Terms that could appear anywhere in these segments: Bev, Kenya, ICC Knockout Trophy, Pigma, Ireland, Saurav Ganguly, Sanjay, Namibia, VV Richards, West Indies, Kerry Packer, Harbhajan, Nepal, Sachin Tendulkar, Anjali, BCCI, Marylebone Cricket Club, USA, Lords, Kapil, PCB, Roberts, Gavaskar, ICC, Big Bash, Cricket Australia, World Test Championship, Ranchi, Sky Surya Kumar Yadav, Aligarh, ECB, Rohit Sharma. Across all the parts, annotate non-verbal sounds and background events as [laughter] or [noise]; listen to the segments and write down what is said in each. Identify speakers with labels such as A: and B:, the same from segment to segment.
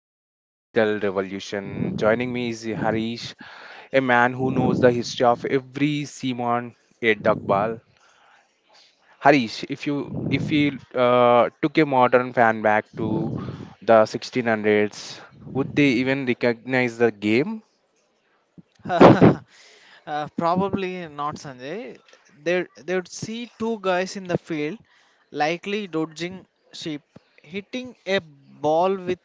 A: and digital revolution. Joining me is Harish, a man who knows the history of every Simon a duck ball. Harish, if you took a modern fan back to the 1600s, would they even recognize the game?
B: [laughs] uh, Probably not, Sanjay. They would see two guys in the field, likely dodging sheep, hitting a ball with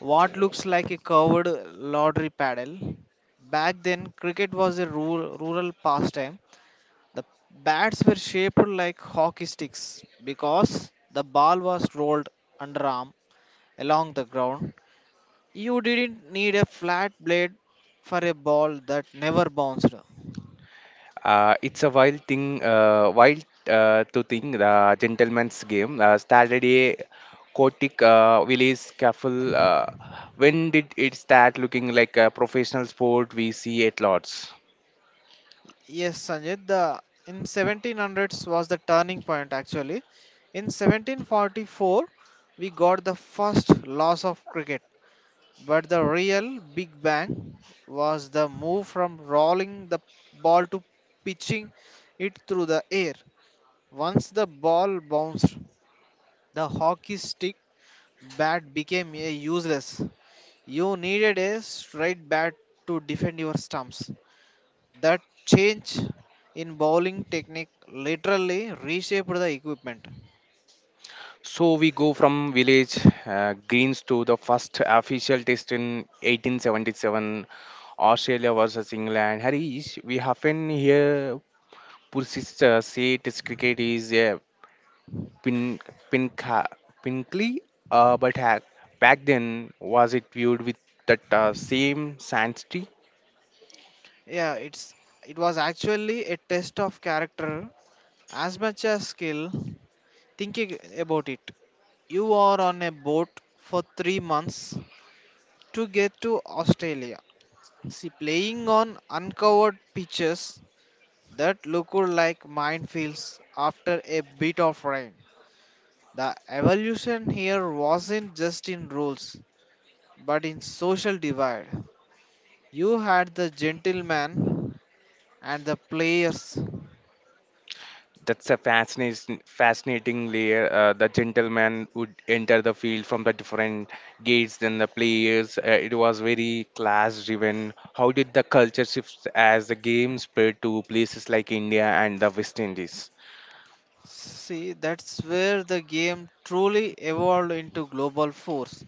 B: what looks like a curved lottery paddle. Back then, cricket was a rural pastime. The bats were shaped like hockey sticks because the ball was rolled underarm along the ground. You didn't need a flat blade for a ball that never bounced.
A: It's a wild thing, wild to think the gentleman's game started a chaotic village scuffle. When did it start looking like a professional sport we see at lots?
B: Yes, Sanjay, the in 1700s was the turning point actually. In 1744, we got the first loss of cricket, but the real big bang was the move from rolling the ball to pitching it through the air. Once the ball bounced, the hockey stick bat became a useless. You needed a straight bat to defend your stumps. That change in bowling technique literally reshaped the equipment.
A: So we go from village greens to the first official test in 1877, Australia versus England. Harish, we often hear purists say test cricket is a pin, pinca, pinkly, uh, but ha- back then was it viewed with that same sanctity?
B: Yeah, it was actually a test of character as much as skill. Thinking about it, you are on a boat for 3 months to get to Australia. See, playing on uncovered pitches that look like minefields after a bit of rain. The evolution here wasn't just in rules, but in social divide, you had the gentleman and the players.
A: That's a fascinating, fascinating layer. The gentleman would enter the field from the different gates than the players. It was very class-driven. How did the culture shift as the game spread to places like India and the West Indies?
B: See, that's where the game truly evolved into global force.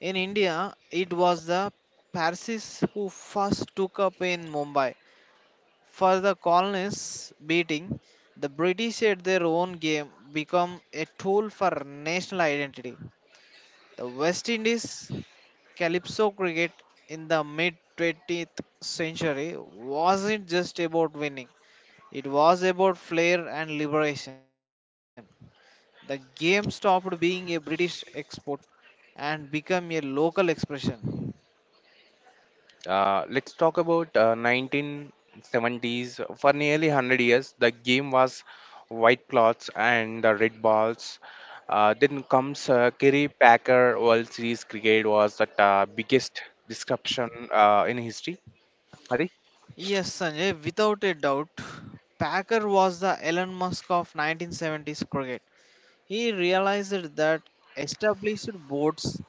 B: In India, it was the Parsis who first took up in Mumbai. For the colonists beating, the British at their own game become a tool for national identity. The West Indies calypso cricket in the mid 20th century wasn't just about winning, it was about flair and liberation. The game stopped being a British export and became a local expression.
A: Let's talk about 1970s. For nearly 100 years, the game was white cloths and red balls. Then comes Kerry Packer World Series cricket was the biggest disruption in history. Hari?
B: Yes, Sanjay, without a doubt, Packer was the Elon Musk of 1970s cricket. He realized that established boards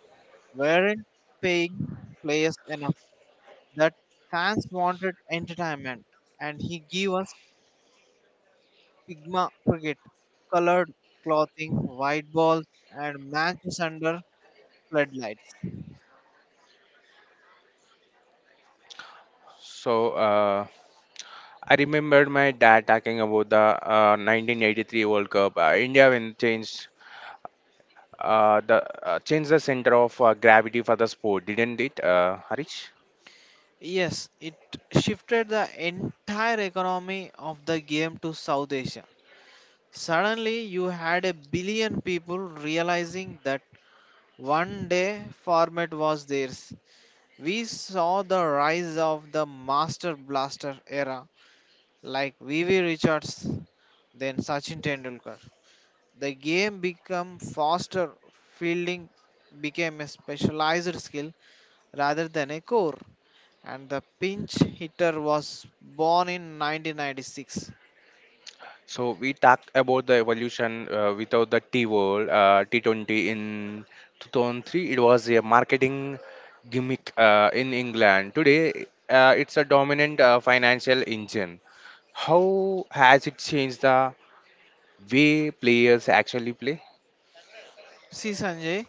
B: weren't paying players enough that fans wanted entertainment, and he gave us Pigma cricket, colored clothing, white balls, and matches under floodlights.
A: So I remembered my dad talking about the 1983 World Cup. India when changed the changed the center of gravity for the sport, didn't it, Harish?
B: Yes, it shifted the entire economy of the game to South Asia. Suddenly, you had a billion people realizing that one day format was theirs. We saw the rise of the Master Blaster era like VV Richards then Sachin Tendulkar. The game became faster, fielding became a specialized skill rather than a core, and the pinch hitter was born in 1996.
A: So we talk about the evolution without the T world, T20 in 2003. It was a marketing gimmick in England. Today, it's a dominant financial engine. How has it changed the way players actually play?
B: See, Sanjay,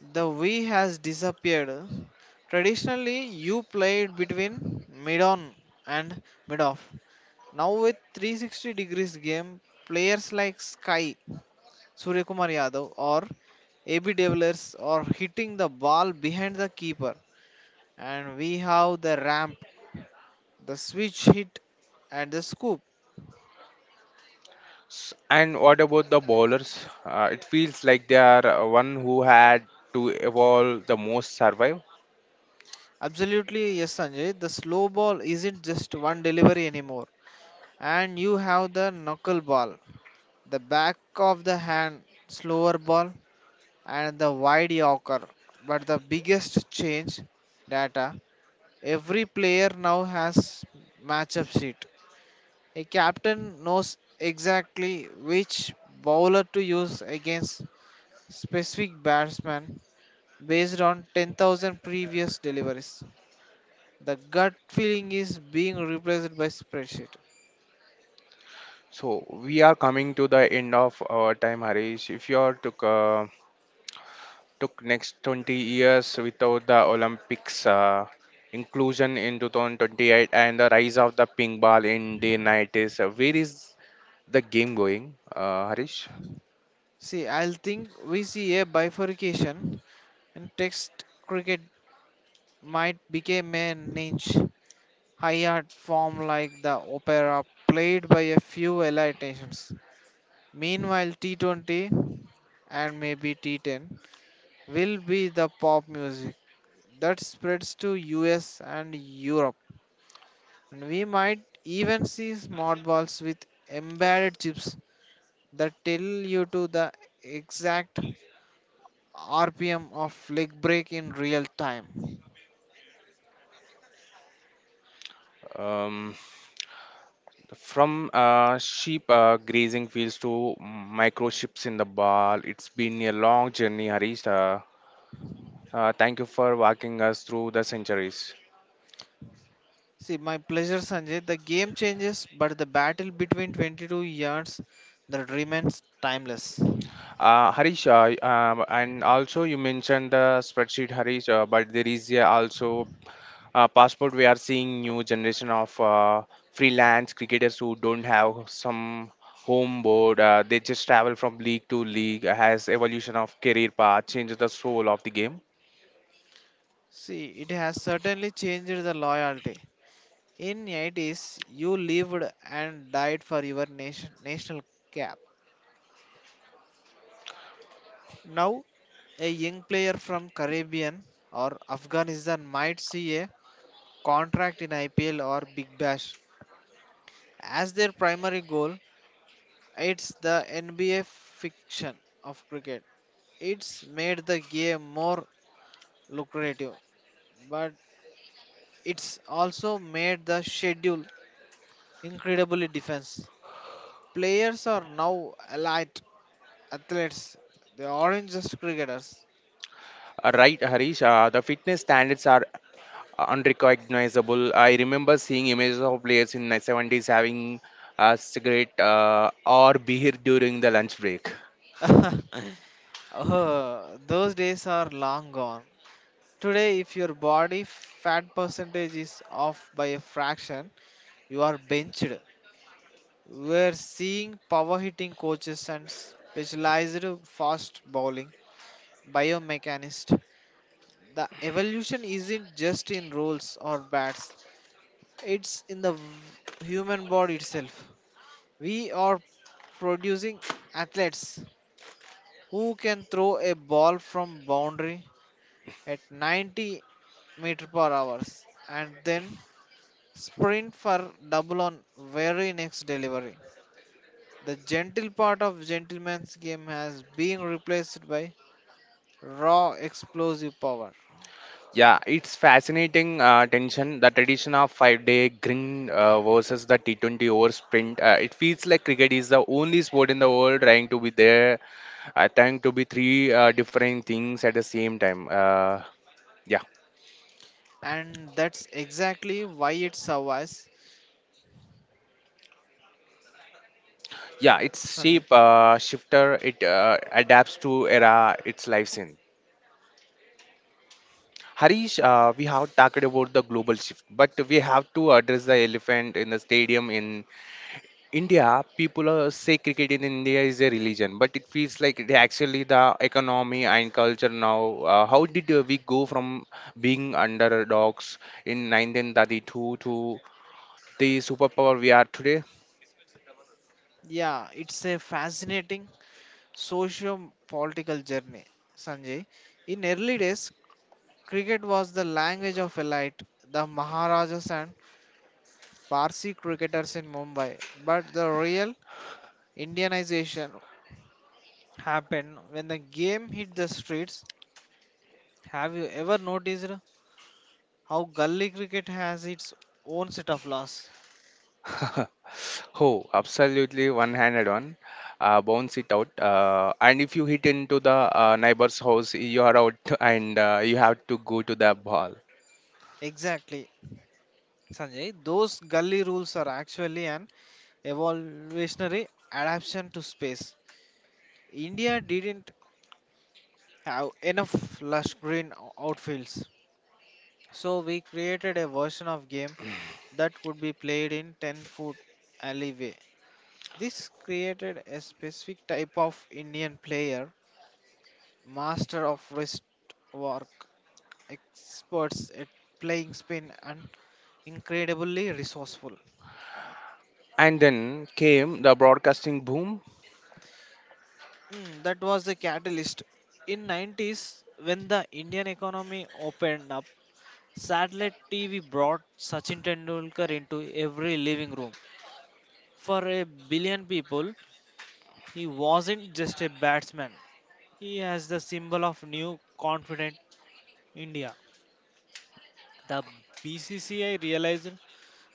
B: the V has disappeared. Traditionally, you played between mid on and mid off. Now, with 360 degrees game, players like Sky Surya Kumar Yadav or AB de Villiers or hitting the ball behind the keeper. And we have the ramp, the switch hit, and the scoop.
A: And what about the bowlers? It feels like they are one who had to evolve the most survive.
B: Absolutely, yes, Sanjay. The slow ball isn't just one delivery anymore. And you have the knuckle ball, the back of the hand slower ball, and the wide yorker. But the biggest change data every player now has matchup sheet. A captain knows exactly which bowler to use against specific batsman based on 10,000 previous deliveries. The gut feeling is being replaced by spreadsheet.
A: So we are coming to the end of our time, Harish. If you are to took next 20 years without the Olympics inclusion in 2028 and the rise of the ping ball in the 90s. Where is the game going, Harish?
B: See, I'll think we see a bifurcation and text cricket might become a niche, high art form like the opera played by a few elite nations. Meanwhile, T20 and maybe T10 will be the pop music that spreads to US and Europe. And we might even see smart balls with embedded chips that tell you to the exact RPM of leg break in real time.
A: Um, from sheep grazing fields to microchips in the ball, it's been a long journey, Harish. Thank you for walking us through the centuries.
B: See, my pleasure, Sanjay. The game changes, but the battle between 22 yards that remains timeless.
A: Harish, and also you mentioned the spreadsheet, Harish, but there is also passport we are seeing new generation of freelance cricketers who don't have some home board, they just travel from league to league has evolution of career path changes the soul of the game.
B: See, it has certainly changed the loyalty. In 80s, you lived and died for your nation, national cap. Now, a young player from Caribbean or Afghanistan might see a contract in IPL or Big Bash as their primary goal. It's the NBA fiction of cricket. It's made the game more lucrative, but it's also made the schedule incredibly defense. Players are now allied athletes, they aren't just cricketers.
A: Right, Harish, the fitness standards are unrecognizable. I remember seeing images of players in the 70s having a cigarette or beer during the lunch break.
B: [laughs] Oh, those days are long gone. Today, if your body fat percentage is off by a fraction, you are benched. We're seeing power hitting coaches and specialized fast bowling biomechanists. The evolution isn't just in rules or bats, it's in the human body itself. We are producing athletes who can throw a ball from boundary at 90 meter per hours and then sprint for double on very next delivery. The gentle part of gentleman's game has been replaced by raw explosive power,
A: Yeah, it's fascinating tension. The tradition of five-day green versus the T20 over sprint. It feels like cricket is the only sport in the world trying to be there, trying to be three different things at the same time. Yeah,
B: and that's exactly why it survives.
A: yeah, it's
B: Sanjay.
A: shape shifter. It adapts to era. It's lives in. Harish, we have talked about the global shift, but we have to address the elephant in the stadium in India. People say cricket in India is a religion, but it feels like it actually the economy and culture now. How did we go from being underdogs in 1932 to the superpower we are today?
B: Yeah, it's a fascinating socio-political journey, Sanjay. In early days, cricket was the language of elite, the Maharajas and Parsi cricketers in Mumbai. But the real Indianization happened when the game hit the streets. Have you ever noticed how gully cricket has its own set of laws?
A: [laughs] Oh, absolutely one-handed one. Bounce it out, and if you hit into the neighbor's house, you are out, [laughs] and you have to go to the ball.
B: Exactly, Sanjay. Those gully rules are actually an evolutionary adaptation to space. India didn't have enough lush green outfields. So we created a version of game that could be played in 10-foot alleyway. This created a specific type of Indian player, master of wrist work, experts at playing spin and incredibly resourceful.
A: And then came the broadcasting boom.
B: Mm, that was the catalyst. In 90s when the Indian economy opened up, satellite TV brought Sachin Tendulkar into every living room. For a billion people, he wasn't just a batsman, he has the symbol of new confident India. The BCCI realized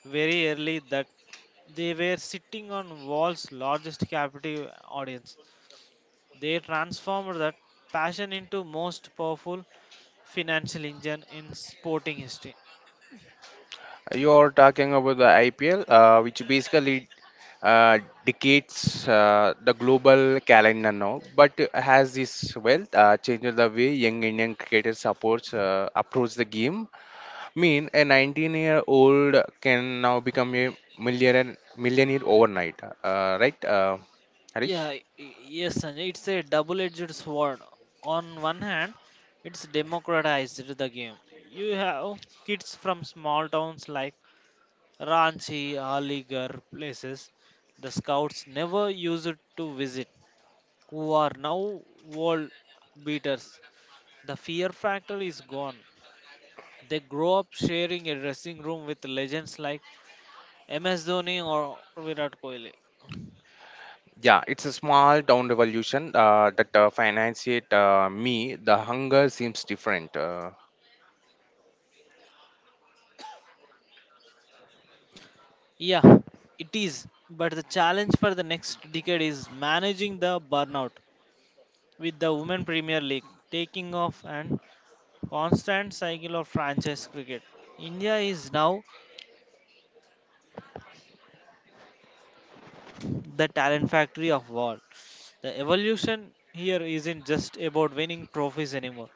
B: very early that they were sitting on world's largest captive audience. They transformed that passion into most powerful financial engine in sporting history.
A: You're talking about the IPL, which basically uh, dictates the global calendar now, but has this well changed the way young Indian cricketers supports approach the game. Mean, a 19-year-old can now become a millionaire overnight, right, Harish?
B: Yeah, yes, Sanjay, it's a double-edged sword. On one hand, it's democratized the game. You have kids from small towns like Ranchi, Aligarh places the scouts never used to visit, who are now world beaters. The fear factor is gone. They grow up sharing a dressing room with legends like MS Dhoni or Virat Kohli.
A: Yeah, it's a small town revolution that financiate me. The hunger seems different. Uh,
B: Yeah, it is. But the challenge for the next decade is managing the burnout with the Women Premier League taking off and constant cycle of franchise cricket. India is now the talent factory of war. The evolution here isn't just about winning trophies anymore.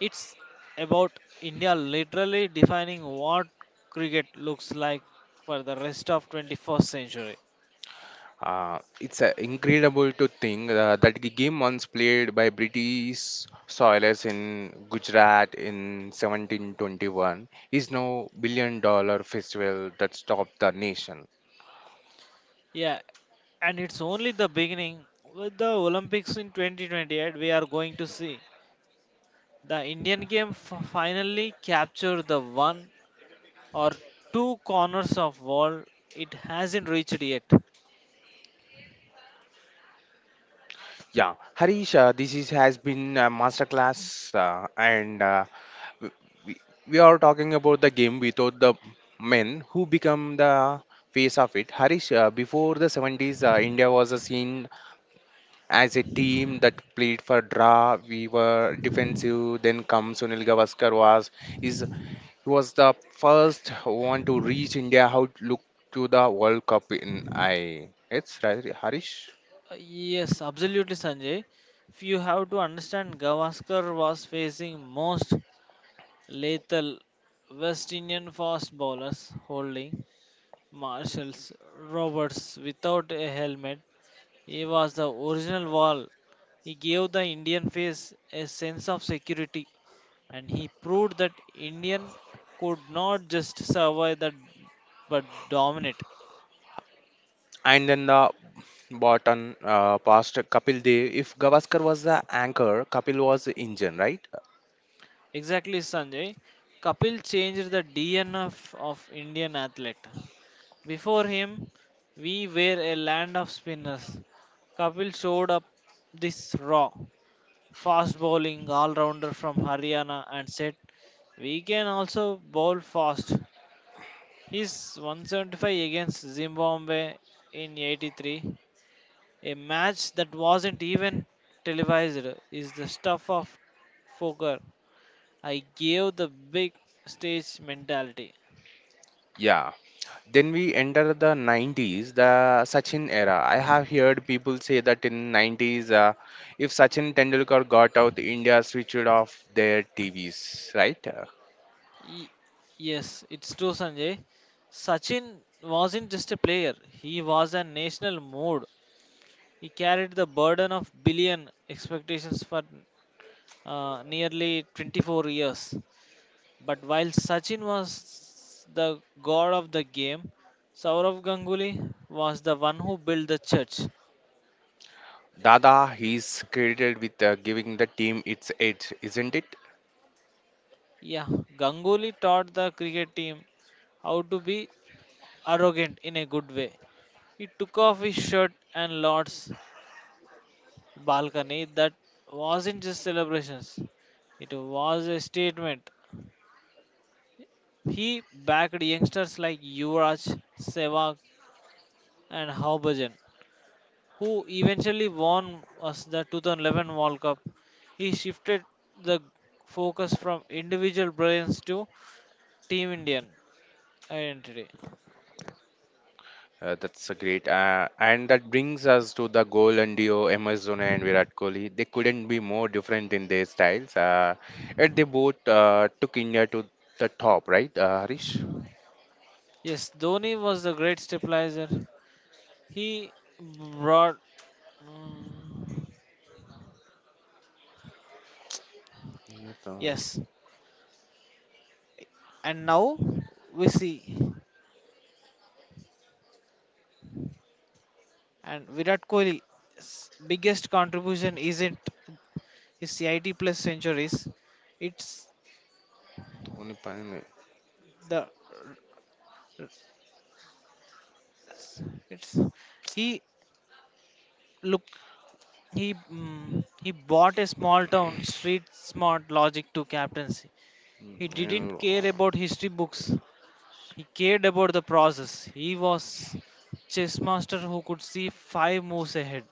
B: It's about India literally defining what cricket looks like for the rest of 21st century.
A: Uh, it's uh, incredible to think that the game once played by British soilers in Gujarat in 1721 is now billion dollar festival that stopped the nation.
B: Yeah, and it's only the beginning. With the Olympics in 2028, we are going to see the Indian game finally capture the one or two corners of world it hasn't reached yet.
A: Yeah, Harish, has been a masterclass, and w- we, we are talking about the game without the men who become the face of it. Harish, before the 70s, India was a scene as a team that played for draw. We were defensive. Then comes Sunil Gavaskar was is he was the first one to reach India out look to the World Cup in I. It's right, Harish.
B: Yes absolutely, Sanjay. If you have to understand, Gavaskar was facing most lethal West Indian fast bowlers holding Marshall's Roberts without a helmet. He was the original wall. He gave the Indian face a sense of security and he proved that Indian could not just survive that but dominate.
A: And then the bottom past Kapil Dev. If Gavaskar was the anchor, Kapil was the engine, right?
B: Exactly, Sanjay. Kapil changed the DNF of Indian athlete. Before him, we were a land of spinners. Kapil showed up this raw, fast bowling all rounder from Haryana and said, we can also bowl fast. His 175 against Zimbabwe in 83, a match that wasn't even televised, is the stuff of folklore. I gave the big stage mentality.
A: Yeah, then we enter the 90s, the Sachin era. I have heard people say that in 90s, if Sachin Tendulkar got out, India switched off their TVs, right? Uh,
B: Y- yes, it's true, Sanjay. Sachin wasn't just a player, he was a national mood. He carried the burden of billion expectations for nearly 24 years. But while Sachin was the god of the game, Saurav Ganguly was the one who built the church.
A: Dada, he's credited with giving the team its edge, isn't it?
B: Yeah, Ganguly taught the cricket team how to be arrogant in a good way. He took off his shirt and Lord's balcony. That wasn't just celebrations, it was a statement. He backed youngsters like Yuvraj, Sehwag, and Harbhajan, who eventually won us the 2011 World Cup. He shifted the focus from individual brilliance to Team Indian identity.
A: That's a great. And that brings us to the goal and duo, MS Dhoni and Virat Kohli. They couldn't be more different in their styles. Yet they both took India to the top, right, Harish?
B: Yes, Dhoni was the great stabilizer. He brought. Mm, yes, and now we see, and Virat Kohli's biggest contribution isn't his CIT plus centuries, it's
A: Dhoni.
B: the it's he look he bought a small town street smart logic to captaincy. He didn't
A: And
B: care about history books. He cared about the process. He was chess master who could see five moves ahead.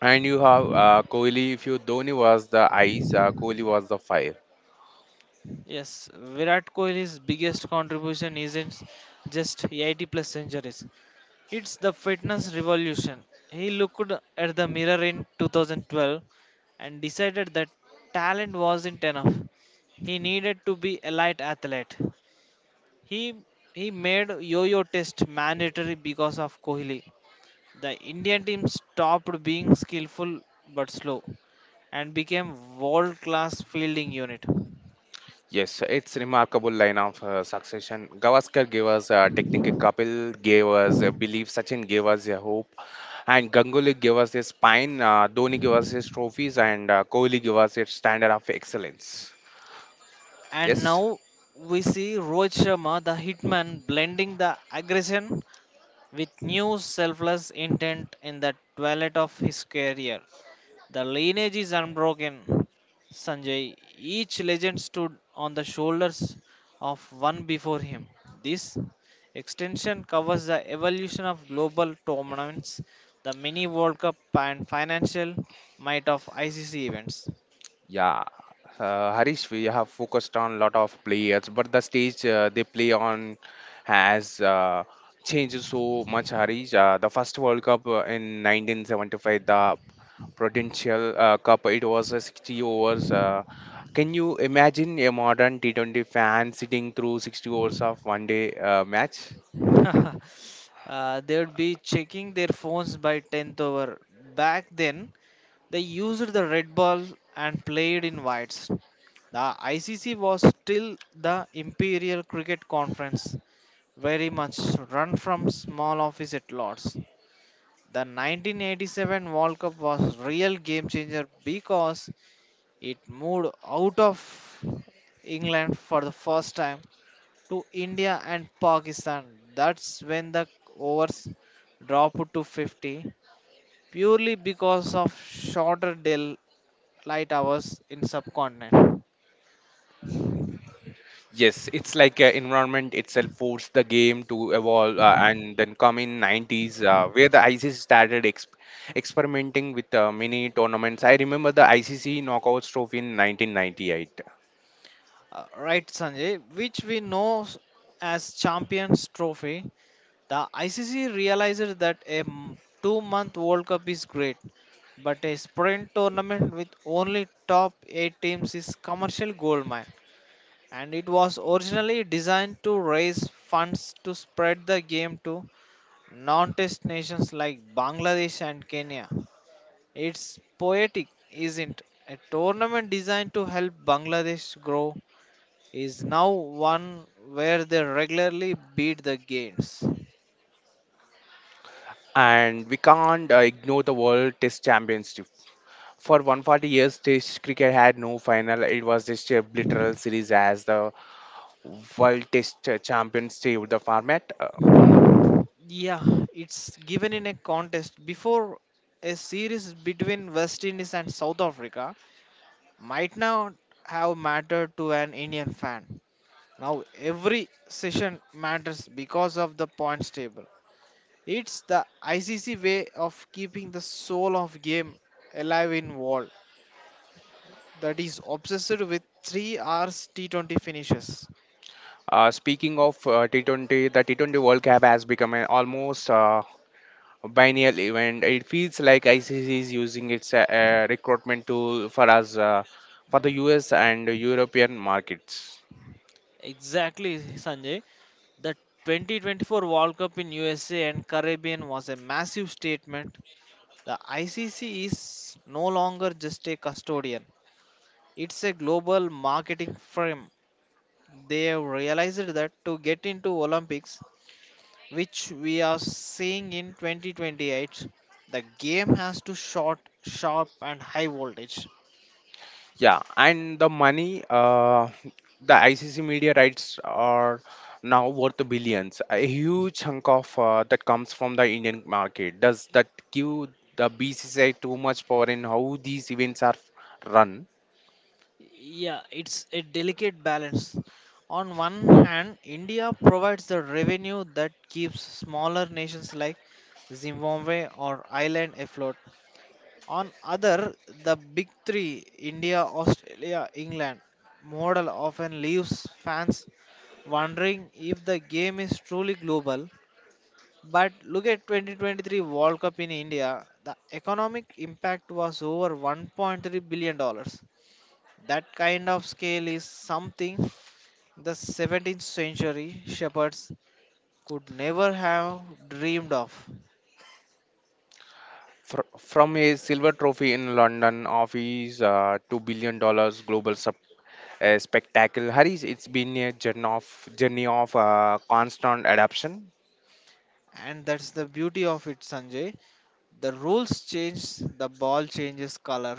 A: And you have Kohli. If you Dhoni was the ice, Kohli was the fire.
B: Yes, Virat Kohli's biggest contribution isn't just 80 plus centuries. It's the fitness revolution. He looked at the mirror in 2012 and decided that talent wasn't enough. He needed to be a light athlete. He he made yo-yo test mandatory because of Kohli. The Indian team stopped being skillful but slow and became world-class fielding unit.
A: Yes, so it's remarkable line of succession. Gavaskar gave us technical. Kapil gave us a belief. Sachin gave us a hope, and Ganguly gave us his spine. Dhoni gave us his trophies, and Kohli gave us his standard of excellence.
B: And
A: Yes.
B: now we see Rohit Sharma, the hitman, blending the aggression with new selfless intent in the twilight of his career. The lineage is unbroken, Sanjay. Each legend stood on the shoulders of one before him. This extension covers the evolution of global tournaments, the mini World Cup, and financial might of ICC events.
A: Yeah, Harish, we have focused on a lot of players, but the stage they play on has changed so much, Harish. The first World Cup in 1975, the Prudential Cup, it was a 60 overs. Can you imagine a modern T20 fan sitting through 60 overs of one day match?
B: [laughs] They would be checking their phones by 10th over. Back then, they used the red ball and played in whites. The ICC was still the Imperial Cricket Conference, very much run from small office at Lords. The 1987 World Cup was real game changer because it moved out of England for the first time to India and Pakistan. That's when the overs dropped to 50 purely because of shorter daylight hours in subcontinent.
A: Yes, it's like environment itself forced the game to evolve, and then come in 90s where the ICC started experimenting with mini tournaments. I remember the ICC Knockouts Trophy in 1998,
B: Right, Sanjay, which we know as Champions Trophy, the ICC realizes that a 2 month World Cup is great, but a sprint tournament with only top 8 teams is commercial goldmine. And it was originally designed to raise funds to spread the game to non test nations like Bangladesh and Kenya. It's poetic, isn't it? A tournament designed to help Bangladesh grow is now one where they regularly beat the gains.
A: and we can't ignore the World Test Championship. For 140 years, Test cricket had no final. It was just a literal series as the World Test Champions saved the format. Uh,
B: Yeah, it's given in a contest before a series between West Indies and South Africa might not have mattered to an Indian fan. Now every session matters because of the points table. It's the ICC way of keeping the soul of game alive in world that is obsessed with 3 hours T20 finishes.
A: uh, speaking of uh, T20, the T20 World Cup has become an almost biennial event. It feels like ICC is using its recruitment tool for us for the US and European markets.
B: Exactly, Sanjay. The 2024 World Cup in USA and Caribbean was a massive statement. The ICC is no longer just a custodian, it's a global marketing firm. They have realized that to get into Olympics, which we are seeing in 2028, the game has to short, sharp, and high voltage.
A: Yeah, and the money, the ICC media rights are now worth billions. A huge chunk of that comes from the Indian market. Does that give the BCCI too much power in how these events are run?
B: Yeah, it's a delicate balance. On one hand, India provides the revenue that keeps smaller nations like Zimbabwe or Ireland afloat. On other, the big three, India, Australia, England, model often leaves fans wondering if the game is truly global. But look at 2023 World Cup in India, the economic impact was over 1.3 billion dollars. That kind of scale is something the 17th century shepherds could never have dreamed of.
A: From a silver trophy in London office to billion dollars global a spectacle hurries. It's been a journey of constant adaptation.
B: And that's the beauty of it, Sanjay. The rules change, the ball changes color,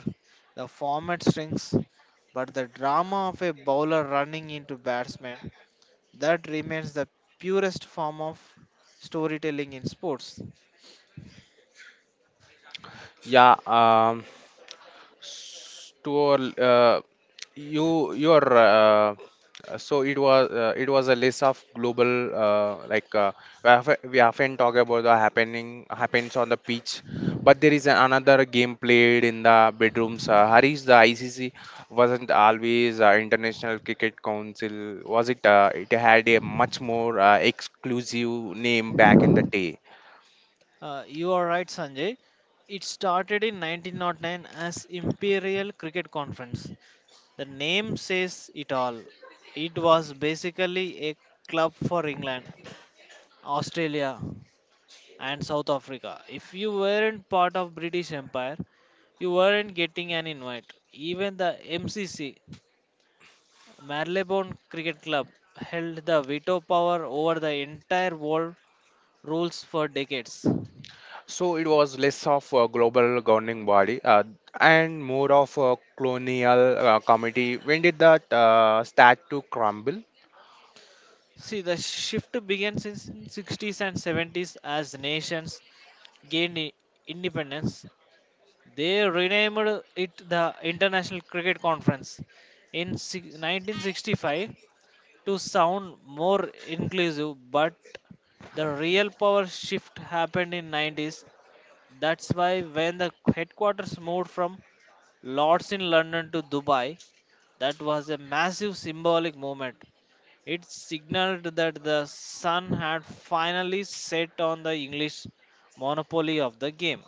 B: the format shrinks, but the drama of a bowler running into batsman, that remains the purest form of storytelling in sports.
A: Yeah. S- to our uh, you your so it was a list of global uh, like uh, we often talk about the happening happens on the pitch but there is another game played in the bedrooms, Harish. The ICC wasn't always International Cricket Council, was it? It had a much more exclusive name back in the day.
B: You are right, Sanjay. It started in 1909 as Imperial Cricket Conference. The name says it all. It was basically a club for England, Australia, and South Africa. If you weren't part of British Empire, you weren't getting an invite. Even the MCC, Marylebone Cricket Club, held the veto power over the entire world rules for decades.
A: So it was less of a global governing body and more of a colonial committee. When did that start to crumble?
B: See, the shift began since 60s and 70s as nations gained independence. They renamed it the International Cricket Conference in 1965 to sound more inclusive, but the real power shift happened in 90s. That's why when the headquarters moved from Lords in London to Dubai, that was a massive symbolic movement. It signaled that the sun had finally set on the English monopoly of the game.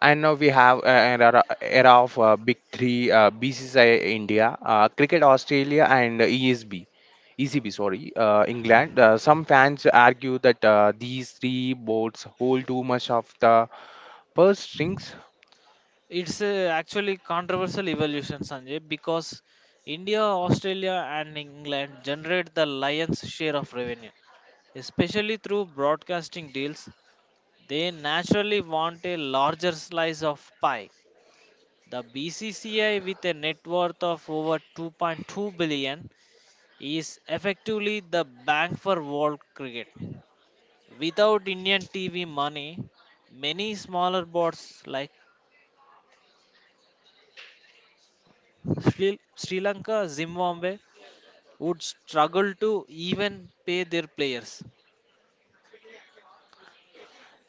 A: And now we have an era of big three: BCCI India, Cricket Australia, and ESB, ECB. Sorry, England. Some fans argue that these three boards hold too much of the purse strings.
B: It's a actually controversial evolution, Sanjay, because India, Australia, and England generate the lion's share of revenue, especially through broadcasting deals. They naturally want a larger slice of pie. The BCCI, with a net worth of over 2.2 billion, is effectively the bank for world cricket. Without Indian TV money, many smaller boards like Sri Lanka, Zimbabwe, would struggle to even pay their players.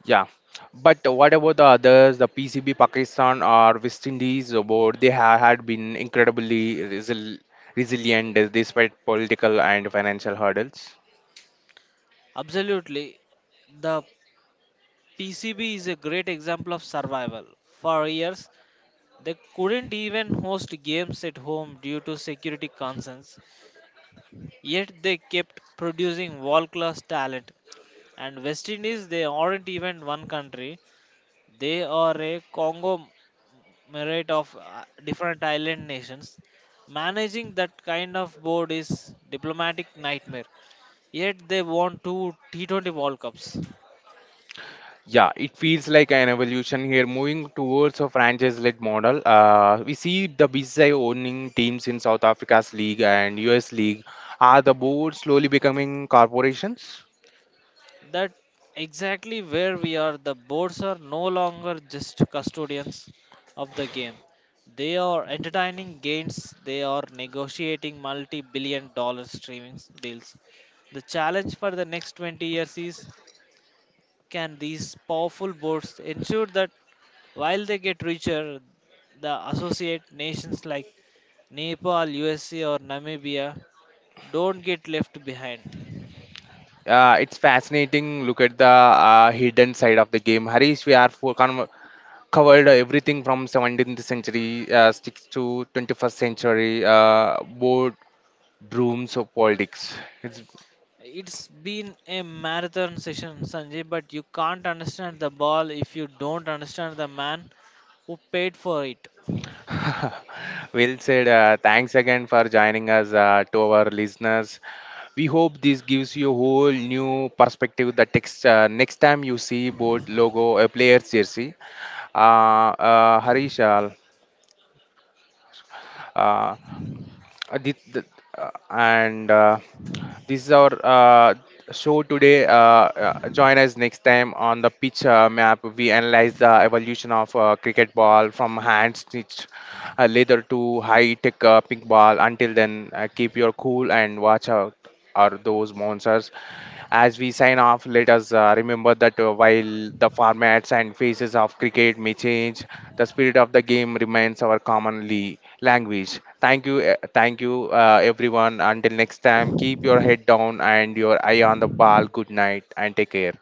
A: Yeah, but what about the others, the PCB Pakistan or West Indies, about they have had been incredibly resilient despite political and financial hurdles.
B: Absolutely, the PCB is a great example of survival. For years, they couldn't even host games at home due to security concerns, yet they kept producing world class talent. And West Indies, they aren't even one country, they are a conglomerate of different island nations. Managing that kind of board is diplomatic nightmare. Yet they won two T20 World Cups.
A: Yeah, it feels like an evolution here, moving towards a franchise-led model. We see the BCCI owning teams in South Africa's league and US league. Are the boards slowly becoming corporations?
B: That exactly where we are. The boards are no longer just custodians of the game. They are entertaining gains. They are negotiating multi-billion dollar streaming deals. The challenge for the next 20 years is can these powerful boards ensure that while they get richer, the associate nations like Nepal, USA, or Namibia don't get left behind.
A: It's fascinating. Look at the hidden side of the game. Harish, we are for con covered everything from 17th century sticks to 21st century boardrooms of politics. It's
B: It's been a marathon session, Sanjay, but you can't understand the ball if you don't understand the man who paid for it.
A: [laughs] well said. Thanks again for joining us to our listeners. We hope this gives you a whole new perspective. The text next time you see board logo a player's jersey, Harish, uh, this, the, and This is our show today. Join us next time on the pitch map. We analyze the evolution of cricket ball from hand stitched leather to high tech pink ball. Until then, keep your cool and watch out are those monsters. As we sign off, let us remember that while the formats and phases of cricket may change, the spirit of the game remains our commonly language. Thank you, everyone. Until next time, keep your head down and your eye on the ball. Good night and take care.